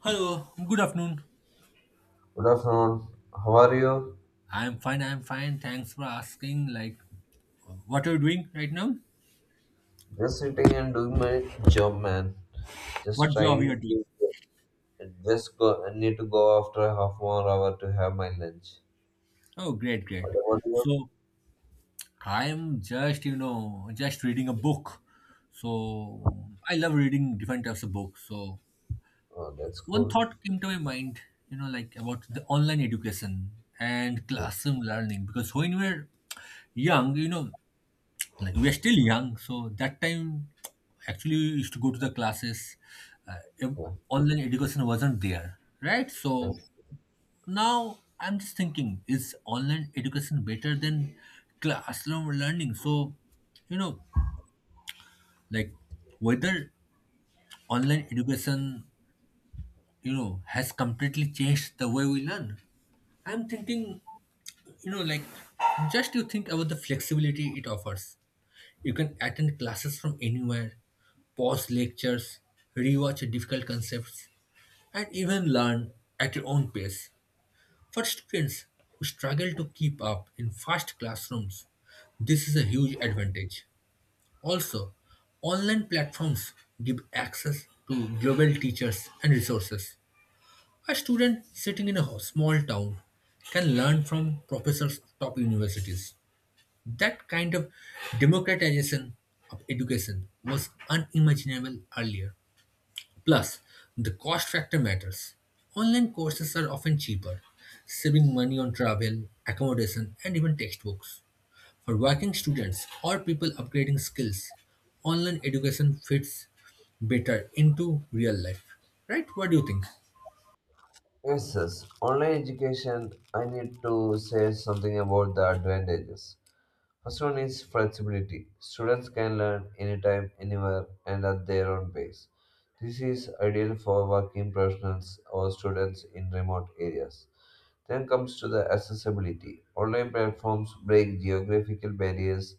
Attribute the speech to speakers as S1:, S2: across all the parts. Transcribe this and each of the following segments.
S1: Hello, good afternoon.
S2: Good afternoon. How are you?
S1: I'm fine, I'm fine. Thanks for asking. Like, what are you doing right now?
S2: Just sitting and doing my job, man. Just
S1: What job you are
S2: trying
S1: doing?
S2: to just go. I need to go after a half more hour to have my lunch.
S1: Oh, great, great.
S2: What about you?
S1: So, I'm just reading a book. So, I love reading different types of books. So,
S2: Oh, that's
S1: one
S2: cool.
S1: thought came to my mind, like about the online education and
S2: Yes.
S1: classroom learning. Because when we're young, like we are still young, so that time actually we used to go to the classes. uh, ev-
S2: Yeah.
S1: Online education wasn't there, right? So
S2: Yes.
S1: now I'm just thinking, is online education better than classroom learning? So you know like, whether online education has completely changed the way we learn, I'm thinking, like, just, you think about the flexibility it offers. You can attend classes from anywhere, pause lectures, rewatch difficult concepts, and even learn at your own pace. For students who struggle to keep up in fast classrooms, this is a huge advantage. Also, online platforms give access to global teachers and resources. A student sitting in a small town can learn from professors of top universities. That kind of democratization of education was unimaginable earlier. Plus, the cost factor matters. Online courses are often cheaper, saving money on travel, accommodation, and even textbooks. For working students or people upgrading skills, online education fits better into real life. Right? What do you think?
S2: Yes, yes. Online education. I need to say something about the advantages. First one is flexibility. Students can learn anytime, anywhere, and at their own pace. This is ideal for working professionals or students in remote areas. Then comes to the accessibility. Online platforms break geographical barriers.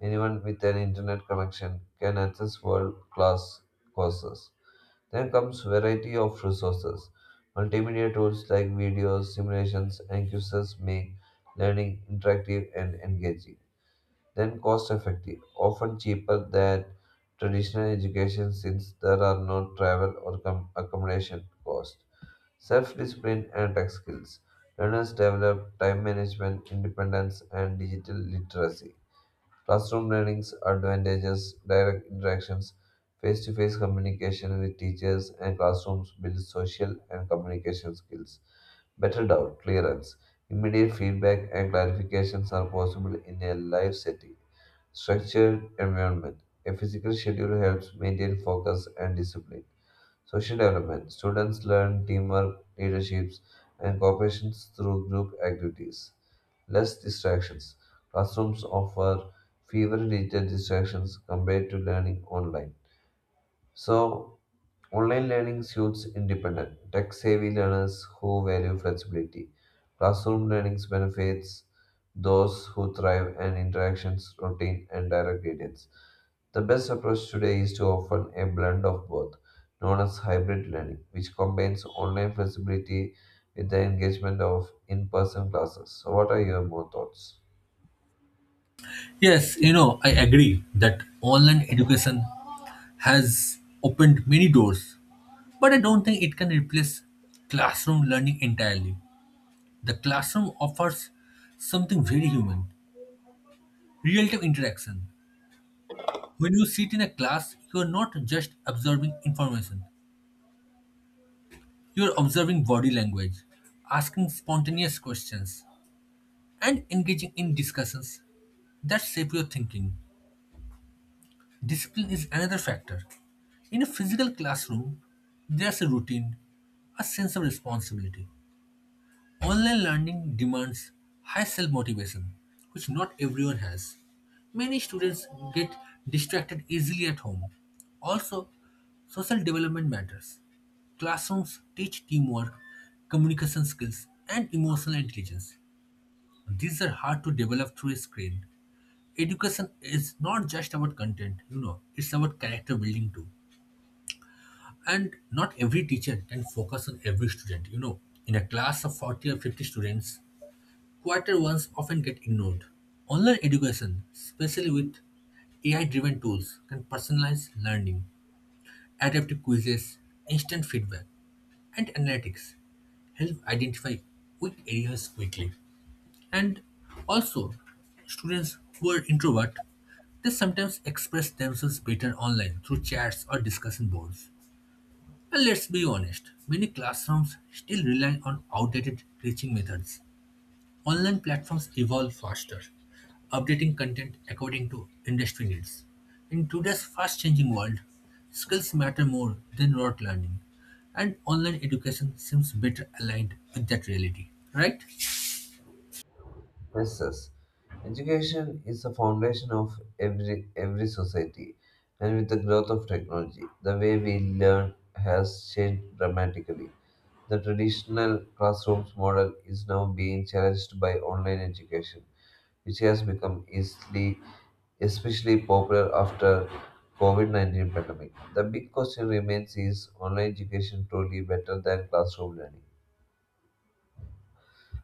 S2: Anyone with an internet connection can access world-class courses. Then comes variety of resources. Multimedia tools like videos, simulations, and quizzes make learning interactive and engaging, then cost effective, often cheaper than traditional education since there are no travel or accommodation costs. Self discipline and tech skills. Learners develop time management, independence, and digital literacy. Classroom learning's advantages, direct interactions, face to face communication with teachers, and classrooms build social and communication skills. Better doubt clearance. Immediate feedback and clarifications are possible in a live setting. Structured environment. A physical schedule helps maintain focus and discipline. Social development. Students learn teamwork, leaderships, and cooperation through group activities. Less distractions. Classrooms offer fewer digital distractions compared to learning online. So, online learning suits independent, tech savvy learners who value flexibility. Classroom learning benefits those who thrive and interactions, routine, and direct guidance. The best approach today is to offer a blend of both, known as hybrid learning, which combines online flexibility with the engagement of in person classes. So, what are your more thoughts?
S1: Yes, I agree that online education has opened many doors. But I don't think it can replace classroom learning entirely. The classroom offers something very human: real time interaction. When you sit in a class, you are not just absorbing information, you are observing body language, asking spontaneous questions, and engaging in discussions that shape your thinking. Discipline is another factor. In a physical classroom, there's a routine, a sense of responsibility. Online learning demands high self motivation, which not everyone has. Many students get distracted easily at home. Also, social development matters. Classrooms teach teamwork, communication skills, and emotional intelligence. These are hard to develop through a screen. Education is not just about content, it's about character building too. And not every teacher can focus on every student. In a class of 40 or 50 students, quieter ones often get ignored. Online education, especially with AI driven tools, can personalize learning, adaptive quizzes, instant feedback, and analytics help identify weak areas quickly. And also, students who are introvert, they sometimes express themselves better online through chats or discussion boards. And let's be honest, many classrooms still rely on outdated teaching methods. Online platforms evolve faster, updating content according to industry needs. In today's fast changing world, skills matter more than rote learning, and online education seems better aligned with that reality, right?
S2: Princess. Education is the foundation of every society, and with the growth of technology, the way we learn has changed dramatically. The traditional classrooms model is now being challenged by online education, which has become easily especially popular after COVID-19 pandemic. The big question remains, is online education truly better than classroom learning?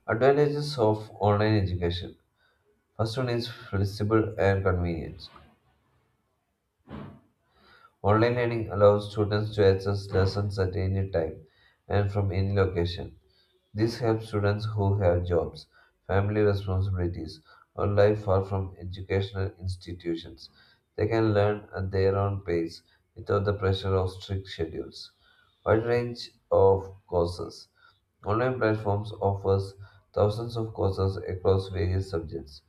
S2: Advantages of online education. First one is flexible and convenience. Online learning allows students to access lessons at any time and from any location. This helps students who have jobs, family responsibilities, or life far from educational institutions. They can learn at their own pace without the pressure of strict schedules. Wide range of courses. Online platforms offers thousands of courses across various subjects,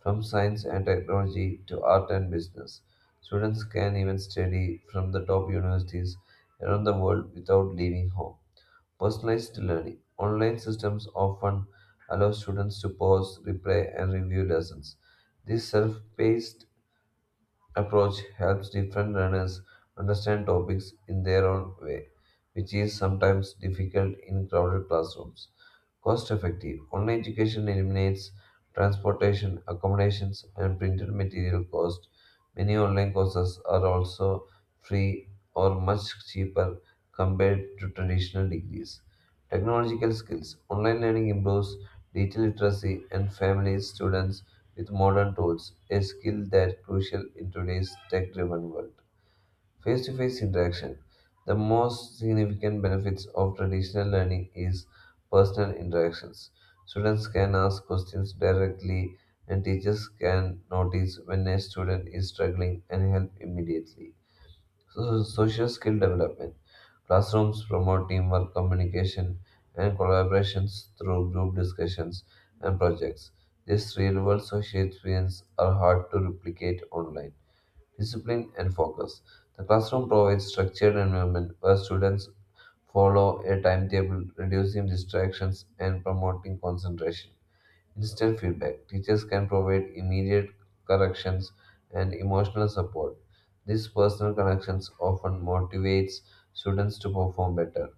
S2: from science and technology to art and business. Students can even study from the top universities around the world without leaving home. Personalized learning. Online systems often allow students to pause, replay, and review lessons. This self paced approach helps different learners understand topics in their own way, which is sometimes difficult in crowded classrooms. Cost effective. Online education eliminates transportation, accommodations, and printed material cost. Many online courses are also free or much cheaper compared to traditional degrees. Technological skills. Online learning improves digital literacy and families students with modern tools, a skill that crucial in today's tech-driven world. Face-to-face interaction. The most significant benefits of traditional learning is personal interactions. Students can ask questions directly and teachers can notice when a student is struggling and help immediately. So, social skill development. Classrooms promote teamwork, communication, and collaborations through group discussions and projects. These real world social experiences are hard to replicate online. Discipline and focus. The classroom provides structured environment where students follow a timetable, reducing distractions and promoting concentration, instant feedback. Teachers can provide immediate corrections and emotional support. These personal connections often motivates students to perform better.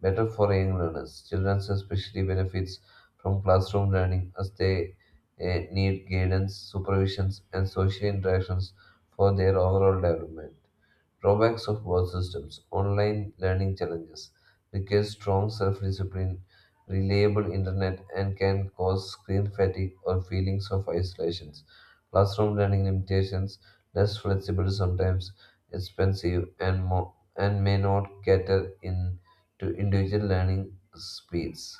S2: Better for young learners. Children especially benefits from classroom learning as they need guidance, supervisions, and social interactions for their overall development. Drawbacks of both systems. Online learning challenges requires strong self-discipline, reliable internet, and can cause screen fatigue or feelings of isolation. Classroom learning limitations, less flexible sometimes, expensive, and may not cater in to individual learning speeds.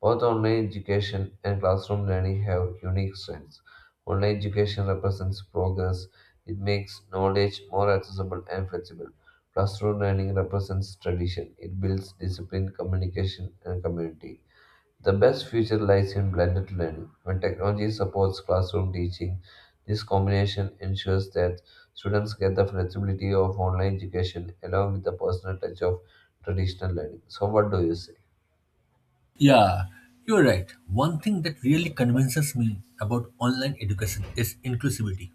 S2: Both online education and classroom learning have unique strengths. Online education represents progress, it makes knowledge more accessible and flexible. Classroom learning represents tradition, it builds discipline, communication, and community. The best future lies in blended learning. When technology supports classroom teaching, this combination ensures that students get the flexibility of online education along with the personal touch of traditional learning. So, what do you say?
S1: Yeah, you're right. One thing that really convinces me about online education is inclusivity.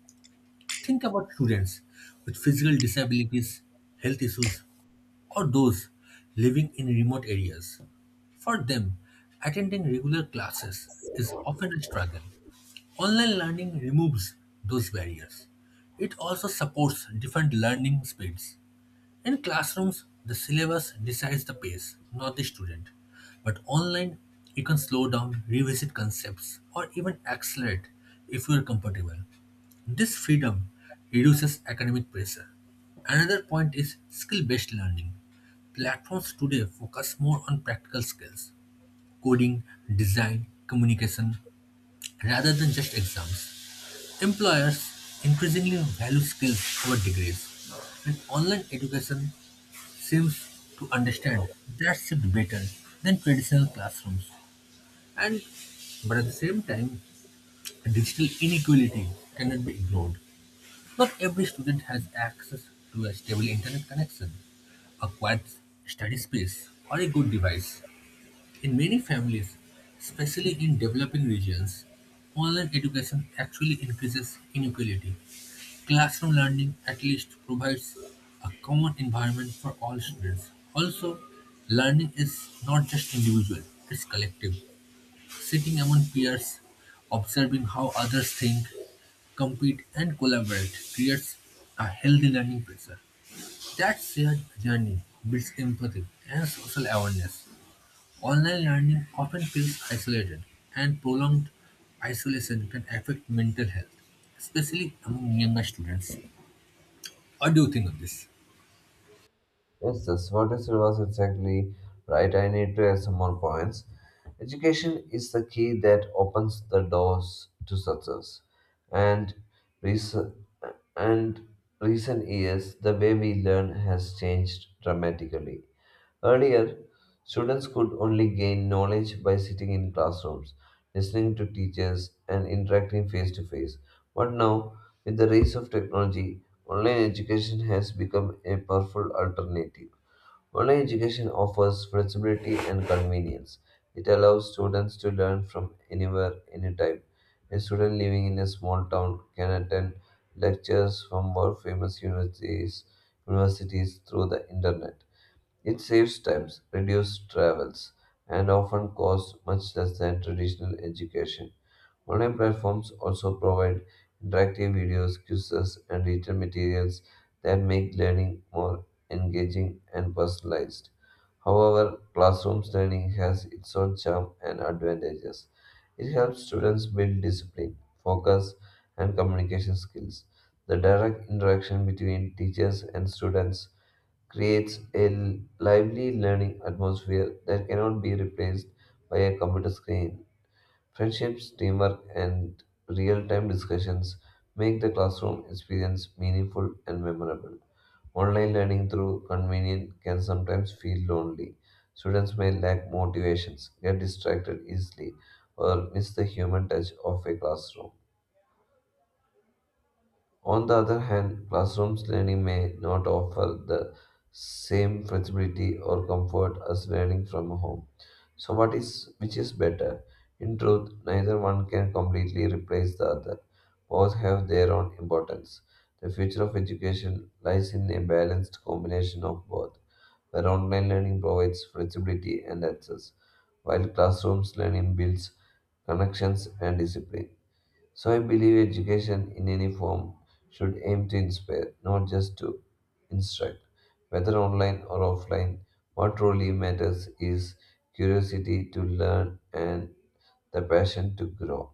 S1: Think about students with physical disabilities, health issues, or those living in remote areas. For them, attending regular classes is often a struggle. Online learning removes those barriers. It also supports different learning speeds. In classrooms, the syllabus decides the pace, not the student. But online, you can slow down, revisit concepts, or even accelerate if you are comfortable. This freedom reduces academic pressure. Another point is skill based learning. Platforms today focus more on practical skills, coding, design, communication, rather than just exams. Employers increasingly value skills over degrees, and online education seems to understand that shift better than traditional classrooms. And but at the same time, digital inequality cannot be ignored. Not every student has access to a stable internet connection, a quiet study space, or a good device. In many families, especially in developing regions, online education actually increases inequality. Classroom learning at least provides a common environment for all students. Also, learning is not just individual, it's collective. Sitting among peers, observing how others think, compete, and collaborate creates a healthy learning pressure. That shared journey builds empathy and social awareness. Online learning often feels isolated, and prolonged isolation can affect mental health, especially among younger students. What do you think of this?
S2: Yes, that's what you said was exactly right. I need to add some more points. Education is the key that opens the doors to success. And recent, and recent years, the way we learn has changed dramatically. Earlier, students could only gain knowledge by sitting in classrooms, listening to teachers, and interacting face to face. But now, with the rise of technology, online education has become a powerful alternative. Online education offers flexibility and convenience. It allows students to learn from anywhere, anytime. A student living in a small town can attend lectures from world famous universities through the internet. It saves times, reduces travels, and often costs much less than traditional education. Online platforms also provide interactive videos, quizzes, and written materials that make learning more engaging and personalized. However, classrooms learning has its own charm and advantages. It helps students build discipline, focus, and communication skills. The direct interaction between teachers and students creates a lively learning atmosphere that cannot be replaced by a computer screen. Friendships, teamwork, and real time discussions make the classroom experience meaningful and memorable. Online learning through convenience can sometimes feel lonely. Students may lack motivations, get distracted easily, or miss the human touch of a classroom. On the other hand, classrooms learning may not offer the same flexibility or comfort as learning from home. So what is which is better? In truth, neither one can completely replace the other. Both have their own importance. The future of education lies in a balanced combination of both, where online learning provides flexibility and access, while classrooms learning builds connections and discipline. So I believe education in any form should aim to inspire, not just to instruct. Whether online or offline, what truly matters is curiosity to learn and the passion to grow.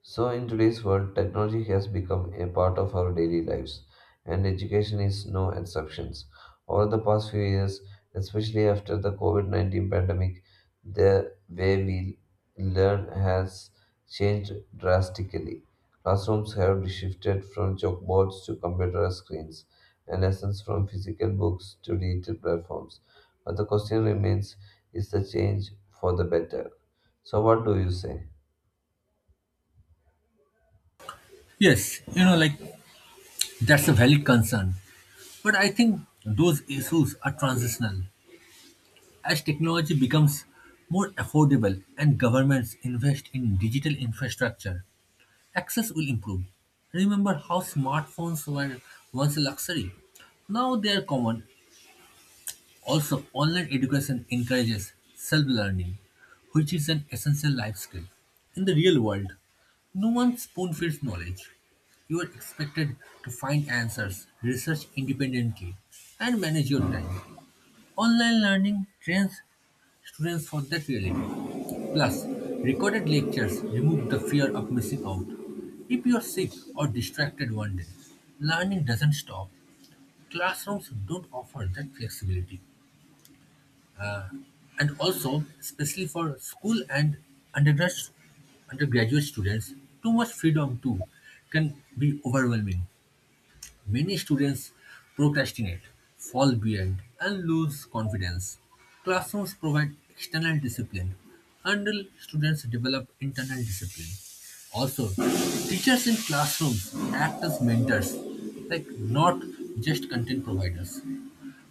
S2: So, in today's world, technology has become a part of our daily lives, and education is no exception. Over the past few years, especially after the COVID-19 pandemic, the way we learn has changed drastically. Classrooms have shifted from chalkboards to computer screens, and lessons from physical books to digital platforms. But the question remains, is the change for the better? So, what do you say?
S1: Yes, like, that's a valid concern, but I think those issues are transitional. As technology becomes more affordable and governments invest in digital infrastructure, access will improve. Remember how smartphones were once a luxury? Now they are common. Also, online education encourages self learning, which is an essential life skill. In the real world, no one spoon feeds knowledge. You are expected to find answers, research independently, and manage your time. Online learning trains students for that reality. Plus, recorded lectures remove the fear of missing out. If you are sick or distracted one day, learning doesn't stop. Classrooms don't offer that flexibility. And also, especially for school and undergrad undergraduate students, too much freedom too can be overwhelming. Many students procrastinate, fall behind, and lose confidence. Classrooms provide external discipline until students develop internal discipline. Also, teachers in classrooms act as mentors, like, not just content providers.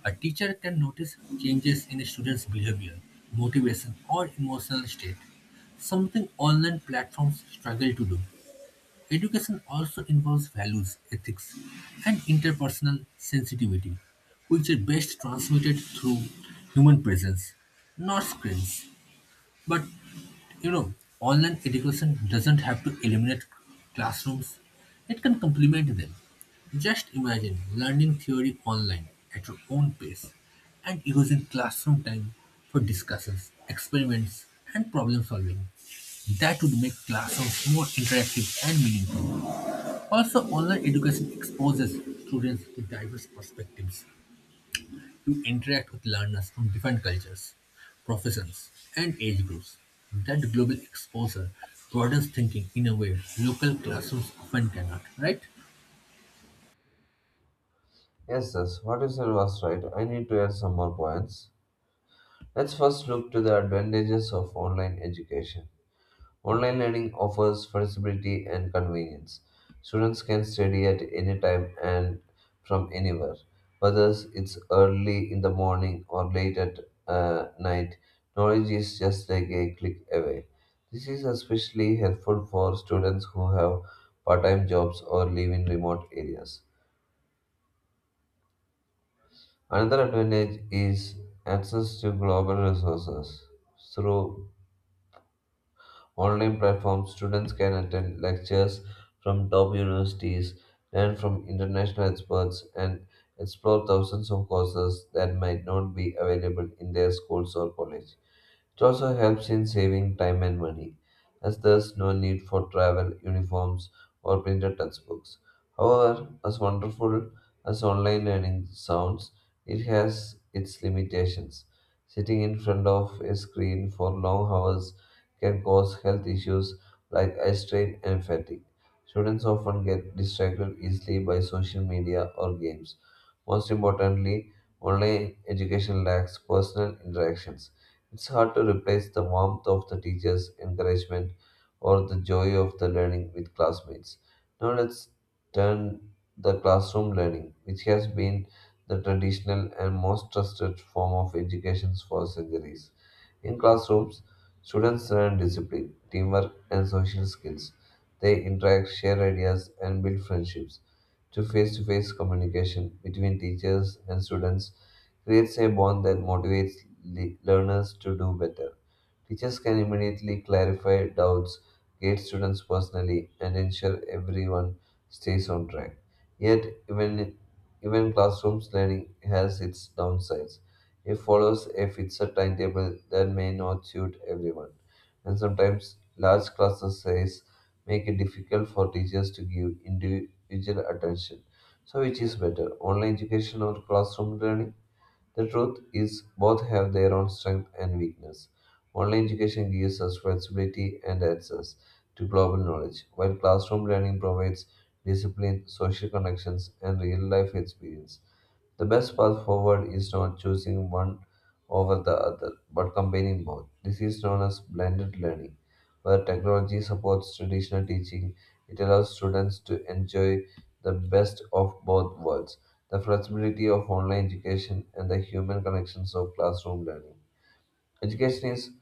S1: A teacher can notice changes in a student's behavior, motivation, or emotional state, something online platforms struggle to do. Education also involves values, ethics, and interpersonal sensitivity, which are best transmitted through human presence, not screens. But you know, online education doesn't have to eliminate classrooms, it can complement them. Just imagine learning theory online at your own pace and using classroom time for discussions, experiments, and problem solving. That would make classrooms more interactive and meaningful. Also, online education exposes students to diverse perspectives, to interact with learners from different cultures, professions, and age groups. That global exposure broadens thinking in a way local classrooms often cannot, right?
S2: Yes, yes, what you said was right. I need to add some more points. Let's first look to the advantages of online education. Online learning offers flexibility and convenience. Students can study at any time and from anywhere, whether it's early in the morning or late at night. Knowledge is just like a click away. This is especially helpful for students who have part time jobs or live in remote areas. Another advantage is access to global resources. Through online platforms, students can attend lectures from top universities, learn from international experts, and explore thousands of courses that might not be available in their schools or college. It also helps in saving time and money, as there's no need for travel, uniforms, or printed textbooks. However, as wonderful as online learning sounds, it has its limitations. Sitting in front of a screen for long hours can cause health issues like eye strain and fatigue. Students often get distracted easily by social media or games. Most importantly, online education lacks personal interactions, it's hard to replace the warmth of the teacher's encouragement or the joy of the learning with classmates. Now let's turn the classroom learning, which has been the traditional and most trusted form of education for centuries. In classrooms, students learn discipline, teamwork, and social skills. They interact, share ideas, and build friendships. To face communication between teachers and students creates a bond that motivates learners to do better. Teachers can immediately clarify doubts, guide students personally, and ensure everyone stays on track. Yet, even classrooms learning has its downsides. It follows a fixed timetable that may not suit everyone, and sometimes large classes size make it difficult for teachers to give individual attention. So, which is better, online education or classroom learning? The truth is, both have their own strength and weakness. Online education gives us flexibility and access to global knowledge, while classroom learning provides discipline, social connections, and real life experience. The best path forward is not choosing one over the other, but combining both. This is known as blended learning, where technology supports traditional teaching. It allows students to enjoy the best of both worlds, the flexibility of online education and the human connections of classroom learning. Education is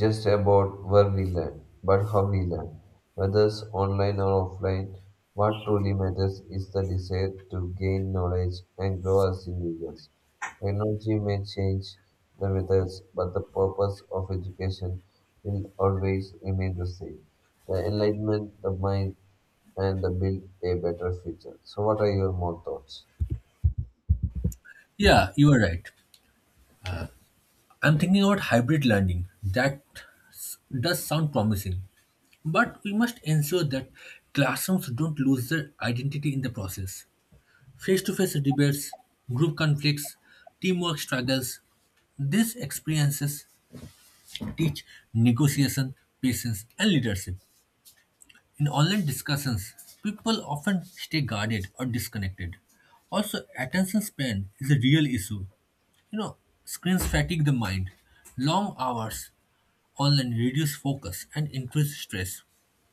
S2: just about where we learn, but how we learn, whether it's online or offline. What truly matters is the desire to gain knowledge and grow as individuals. Technology may change the methods, but the purpose of education will always remain the same. The enlightenment, the mind, and the build a better future. So, what are your more thoughts?
S1: Yeah, you are right. I'm thinking about hybrid learning. That s- does sound promising. But we must ensure that classrooms don't lose their identity in the process. Face to face debates, group conflicts, teamwork struggles, these experiences teach negotiation, patience, and leadership. In online discussions, people often stay guarded or disconnected. Also, attention span is a real issue. You know, Screens fatigue the mind. Long hours online reduce focus and increase stress.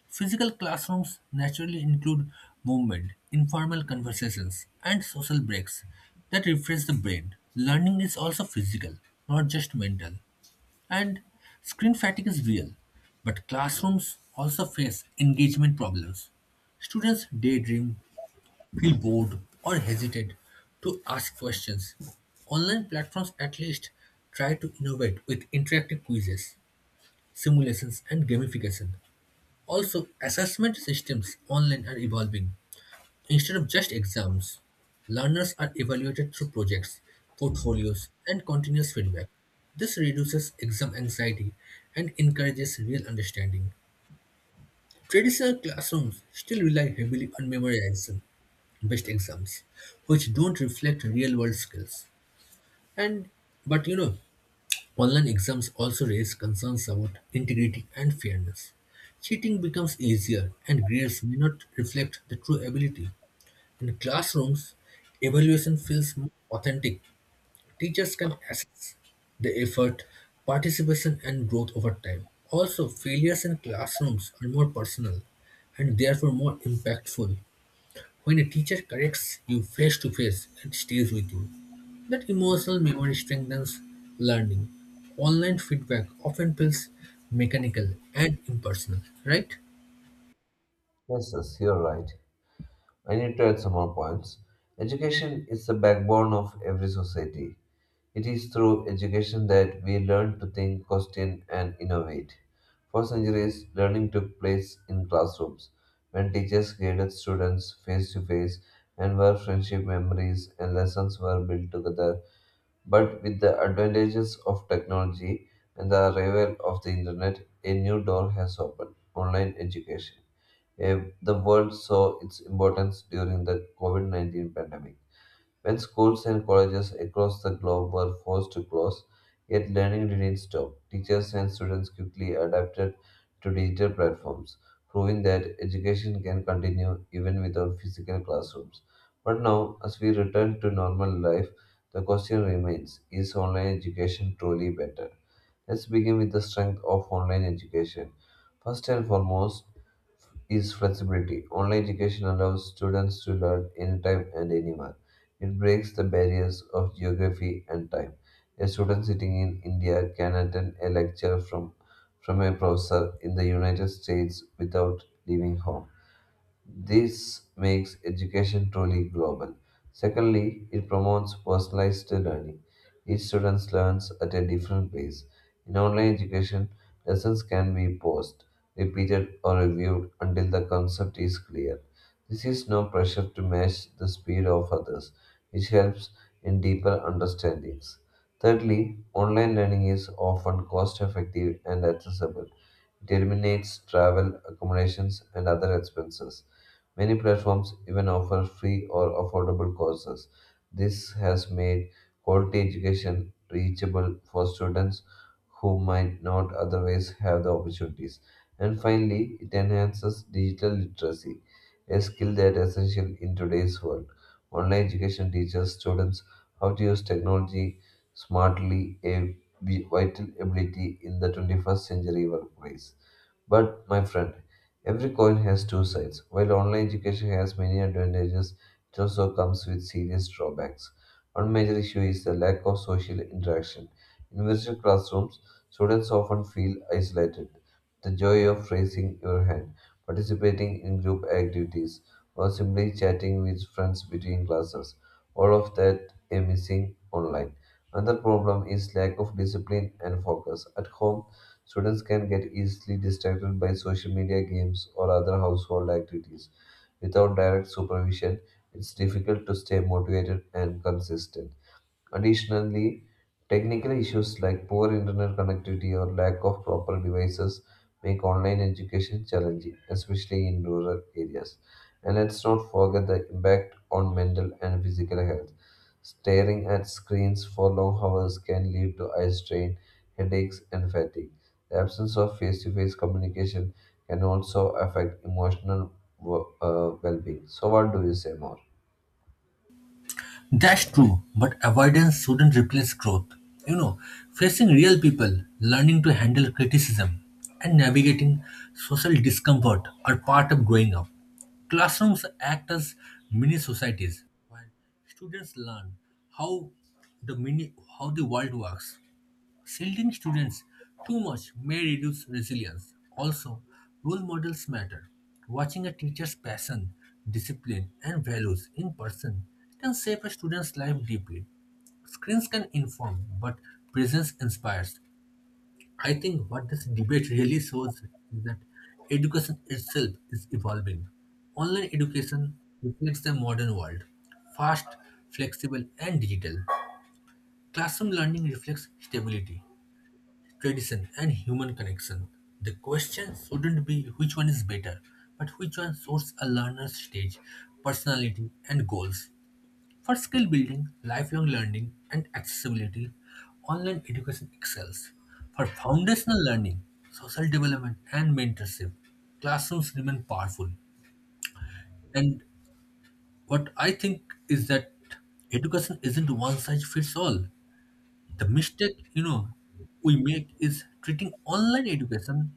S1: Physical classrooms naturally include movement, informal conversations, and social breaks that refresh the brain. Learning is also physical, not just mental. And screen fatigue is real, but classrooms also face engagement problems. Students daydream, feel bored, or hesitate to ask questions. Online platforms at least try to innovate with interactive quizzes, simulations, and gamification. Also, assessment systems online are evolving. Instead of just exams, learners are evaluated through projects, portfolios, and continuous feedback. This reduces exam anxiety and encourages real understanding. Traditional classrooms still rely heavily on memorization based exams, which don't reflect real world skills. And but you know, online exams also raise concerns about integrity and fairness. Cheating becomes easier and grades may not reflect the true ability. In classrooms, evaluation feels more authentic. Teachers can assess the effort, participation, and growth over time. Also, failures in classrooms are more personal and therefore more impactful. When a teacher corrects you face to face, it stays with you. That emotional memory strengthens learning. Online feedback often feels mechanical and impersonal, right?
S2: Yes, yes, you're right. I need to add some more points. Education is the backbone of every society. It is through education that we learn to think, question, and innovate. For centuries, learning took place in classrooms, when teachers guided students face to face and where friendship memories and lessons were built together but with the advantages of technology and the arrival of the internet, a new door has opened online education. The world saw its importance during the COVID 19 pandemic. When schools and colleges across the globe were forced to close, yet learning didn't stop. Teachers and students quickly adapted to digital platforms, proving that education can continue even without physical classrooms. But now, as we return to normal life, the question remains is online education truly better? Let's begin with the strength of online education. First and foremost is flexibility. Online education allows students to learn anytime and anywhere. It breaks the barriers of geography and time. A student sitting in India can attend a lecture from a professor in the United States without leaving home. This makes education truly global. Secondly, it promotes personalized learning. Each student learns at a different pace. In online education, lessons can be paused, repeated, or reviewed until the concept is clear. This is no pressure to match the speed of others, which helps in deeper understandings. Thirdly, online learning is often cost effective and accessible. It eliminates travel, accommodations, and other expenses. Many platforms even offer free or affordable courses. This has made quality education reachable for students who might not otherwise have the opportunities. And finally, it enhances digital literacy, a skill that is essential in today's world. Online education teaches students how to use technology smartly, a vital ability in the 21st century workplace. But, my friend, every coin has two sides. While online education has many advantages, it also comes with serious drawbacks. One major issue is the lack of social interaction. In virtual classrooms, students often feel isolated. The joy of raising your hand, participating in group activities, or simply chatting with friends between classes, all of that is missing online. Another problem is lack of discipline and focus. At home, students can get easily distracted by social media games or other household activities. Without direct supervision, it's difficult to stay motivated and consistent. Additionally, technical issues like poor internet connectivity or lack of proper devices make online education challenging, especially in rural areas. And let's not forget the impact on mental and physical health. Staring at screens for long hours can lead to eye strain, headaches, and fatigue. The absence of face to face communication can also affect emotional well being. So, what do you say more?
S1: That's true, but avoidance shouldn't replace growth. You know, Facing real people, learning to handle criticism, and navigating social discomfort are part of growing up. Classrooms act as mini societies, while students learn how how the world works. Shielding students too much may reduce resilience. Also, role models matter. Watching a teacher's passion, discipline, and values in person can shape a student's life deeply. Screens can inform, but presence inspires. I think what this debate really shows is that education itself is evolving. Online education reflects the modern world: fast, flexible, and digital. Classroom learning reflects stability, tradition, and human connection. The question shouldn't be which one is better, but which one suits a learner's stage, personality, and goals. For skill building, lifelong learning, and accessibility, online education excels. For foundational learning, social development, and mentorship, classrooms remain powerful. And what I think is that education isn't one size fits all. The mistake, we make is treating online education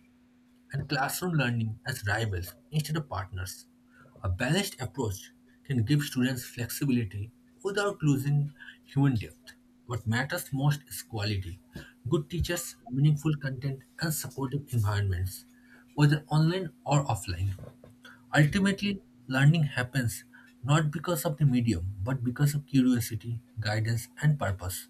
S1: and classroom learning as rivals instead of partners. A balanced approach can give students flexibility without losing human depth. What matters most is quality, good teachers, meaningful content, and supportive environments, whether online or offline. Ultimately, learning happens not because of the medium, but because of curiosity, guidance, and purpose.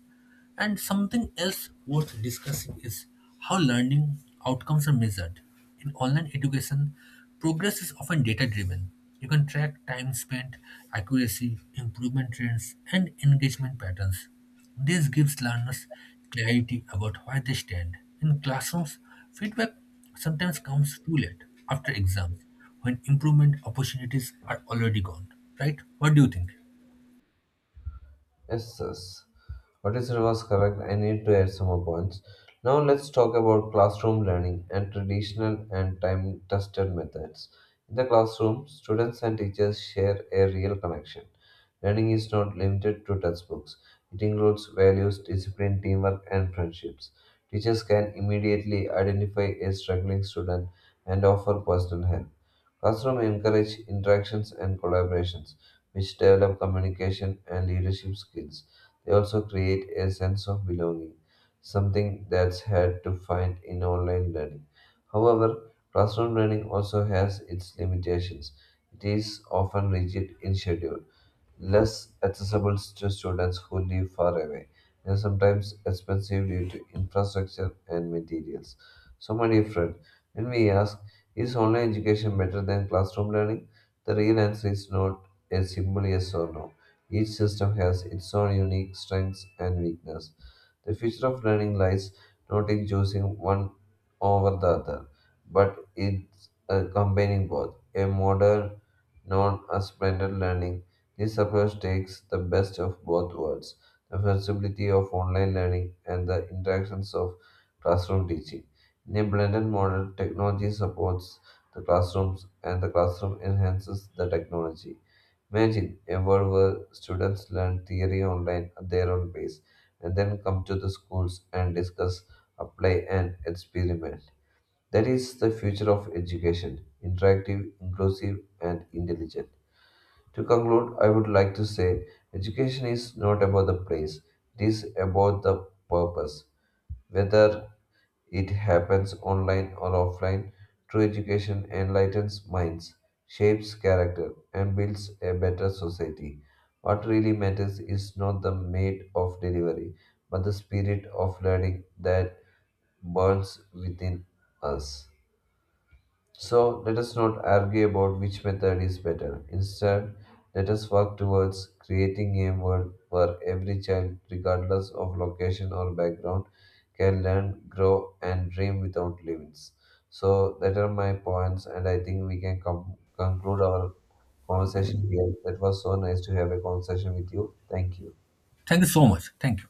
S1: And something else worth discussing is how learning outcomes are measured. In online education, progress is often data driven. You can track time spent, accuracy, improvement trends, and engagement patterns. This gives learners clarity about where they stand. In classrooms, feedback sometimes comes too late, after exams, when improvement opportunities are already gone. Right? What do you think?
S2: Yes, yes. What is said was correct. I need to add some more points. Now let's talk about classroom learning and traditional and time-tested methods. In the classroom, students and teachers share a real connection. Learning is not limited to textbooks. It includes values, discipline, teamwork, and friendships. Teachers can immediately identify a struggling student and offer personal help. Classroom encourage interactions and collaborations which develop communication and leadership skills. They also create a sense of belonging, something that's hard to find in online learning. However, classroom learning also has its limitations. It is often rigid in schedule, less accessible to students who live far away, and sometimes expensive due to infrastructure and materials. So, my dear friend, when we ask, is online education better than classroom learning? The real answer is no, as simple yes or no. Each system has its own unique strengths and weakness. The future of learning lies not in choosing one over the other, but in combining both. A modern, non as blended learning, this approach takes the best of both worlds the flexibility of online learning, and the interactions of classroom teaching. In a blended model, technology supports the classrooms and the classroom enhances the technology. Imagine a world where students learn theory online at their own pace and then come to the schools and discuss, apply, and experiment. That is the future of education interactive, inclusive, and intelligent. To conclude, I would like to say education is not about the place, it is about the purpose. Whether it happens online or offline. True education enlightens minds, shapes character, and builds a better society. What really matters is not the mate of delivery, but the spirit of learning that burns within us. So let us not argue about which method is better. Instead, let us work towards creating a world where every child, regardless of location or background, can learn, grow, and dream without limits. So that are my points, and I think we can conclude our conversation here. That was so nice to have a conversation with you. Thank you.
S1: Thank you so much. Thank you.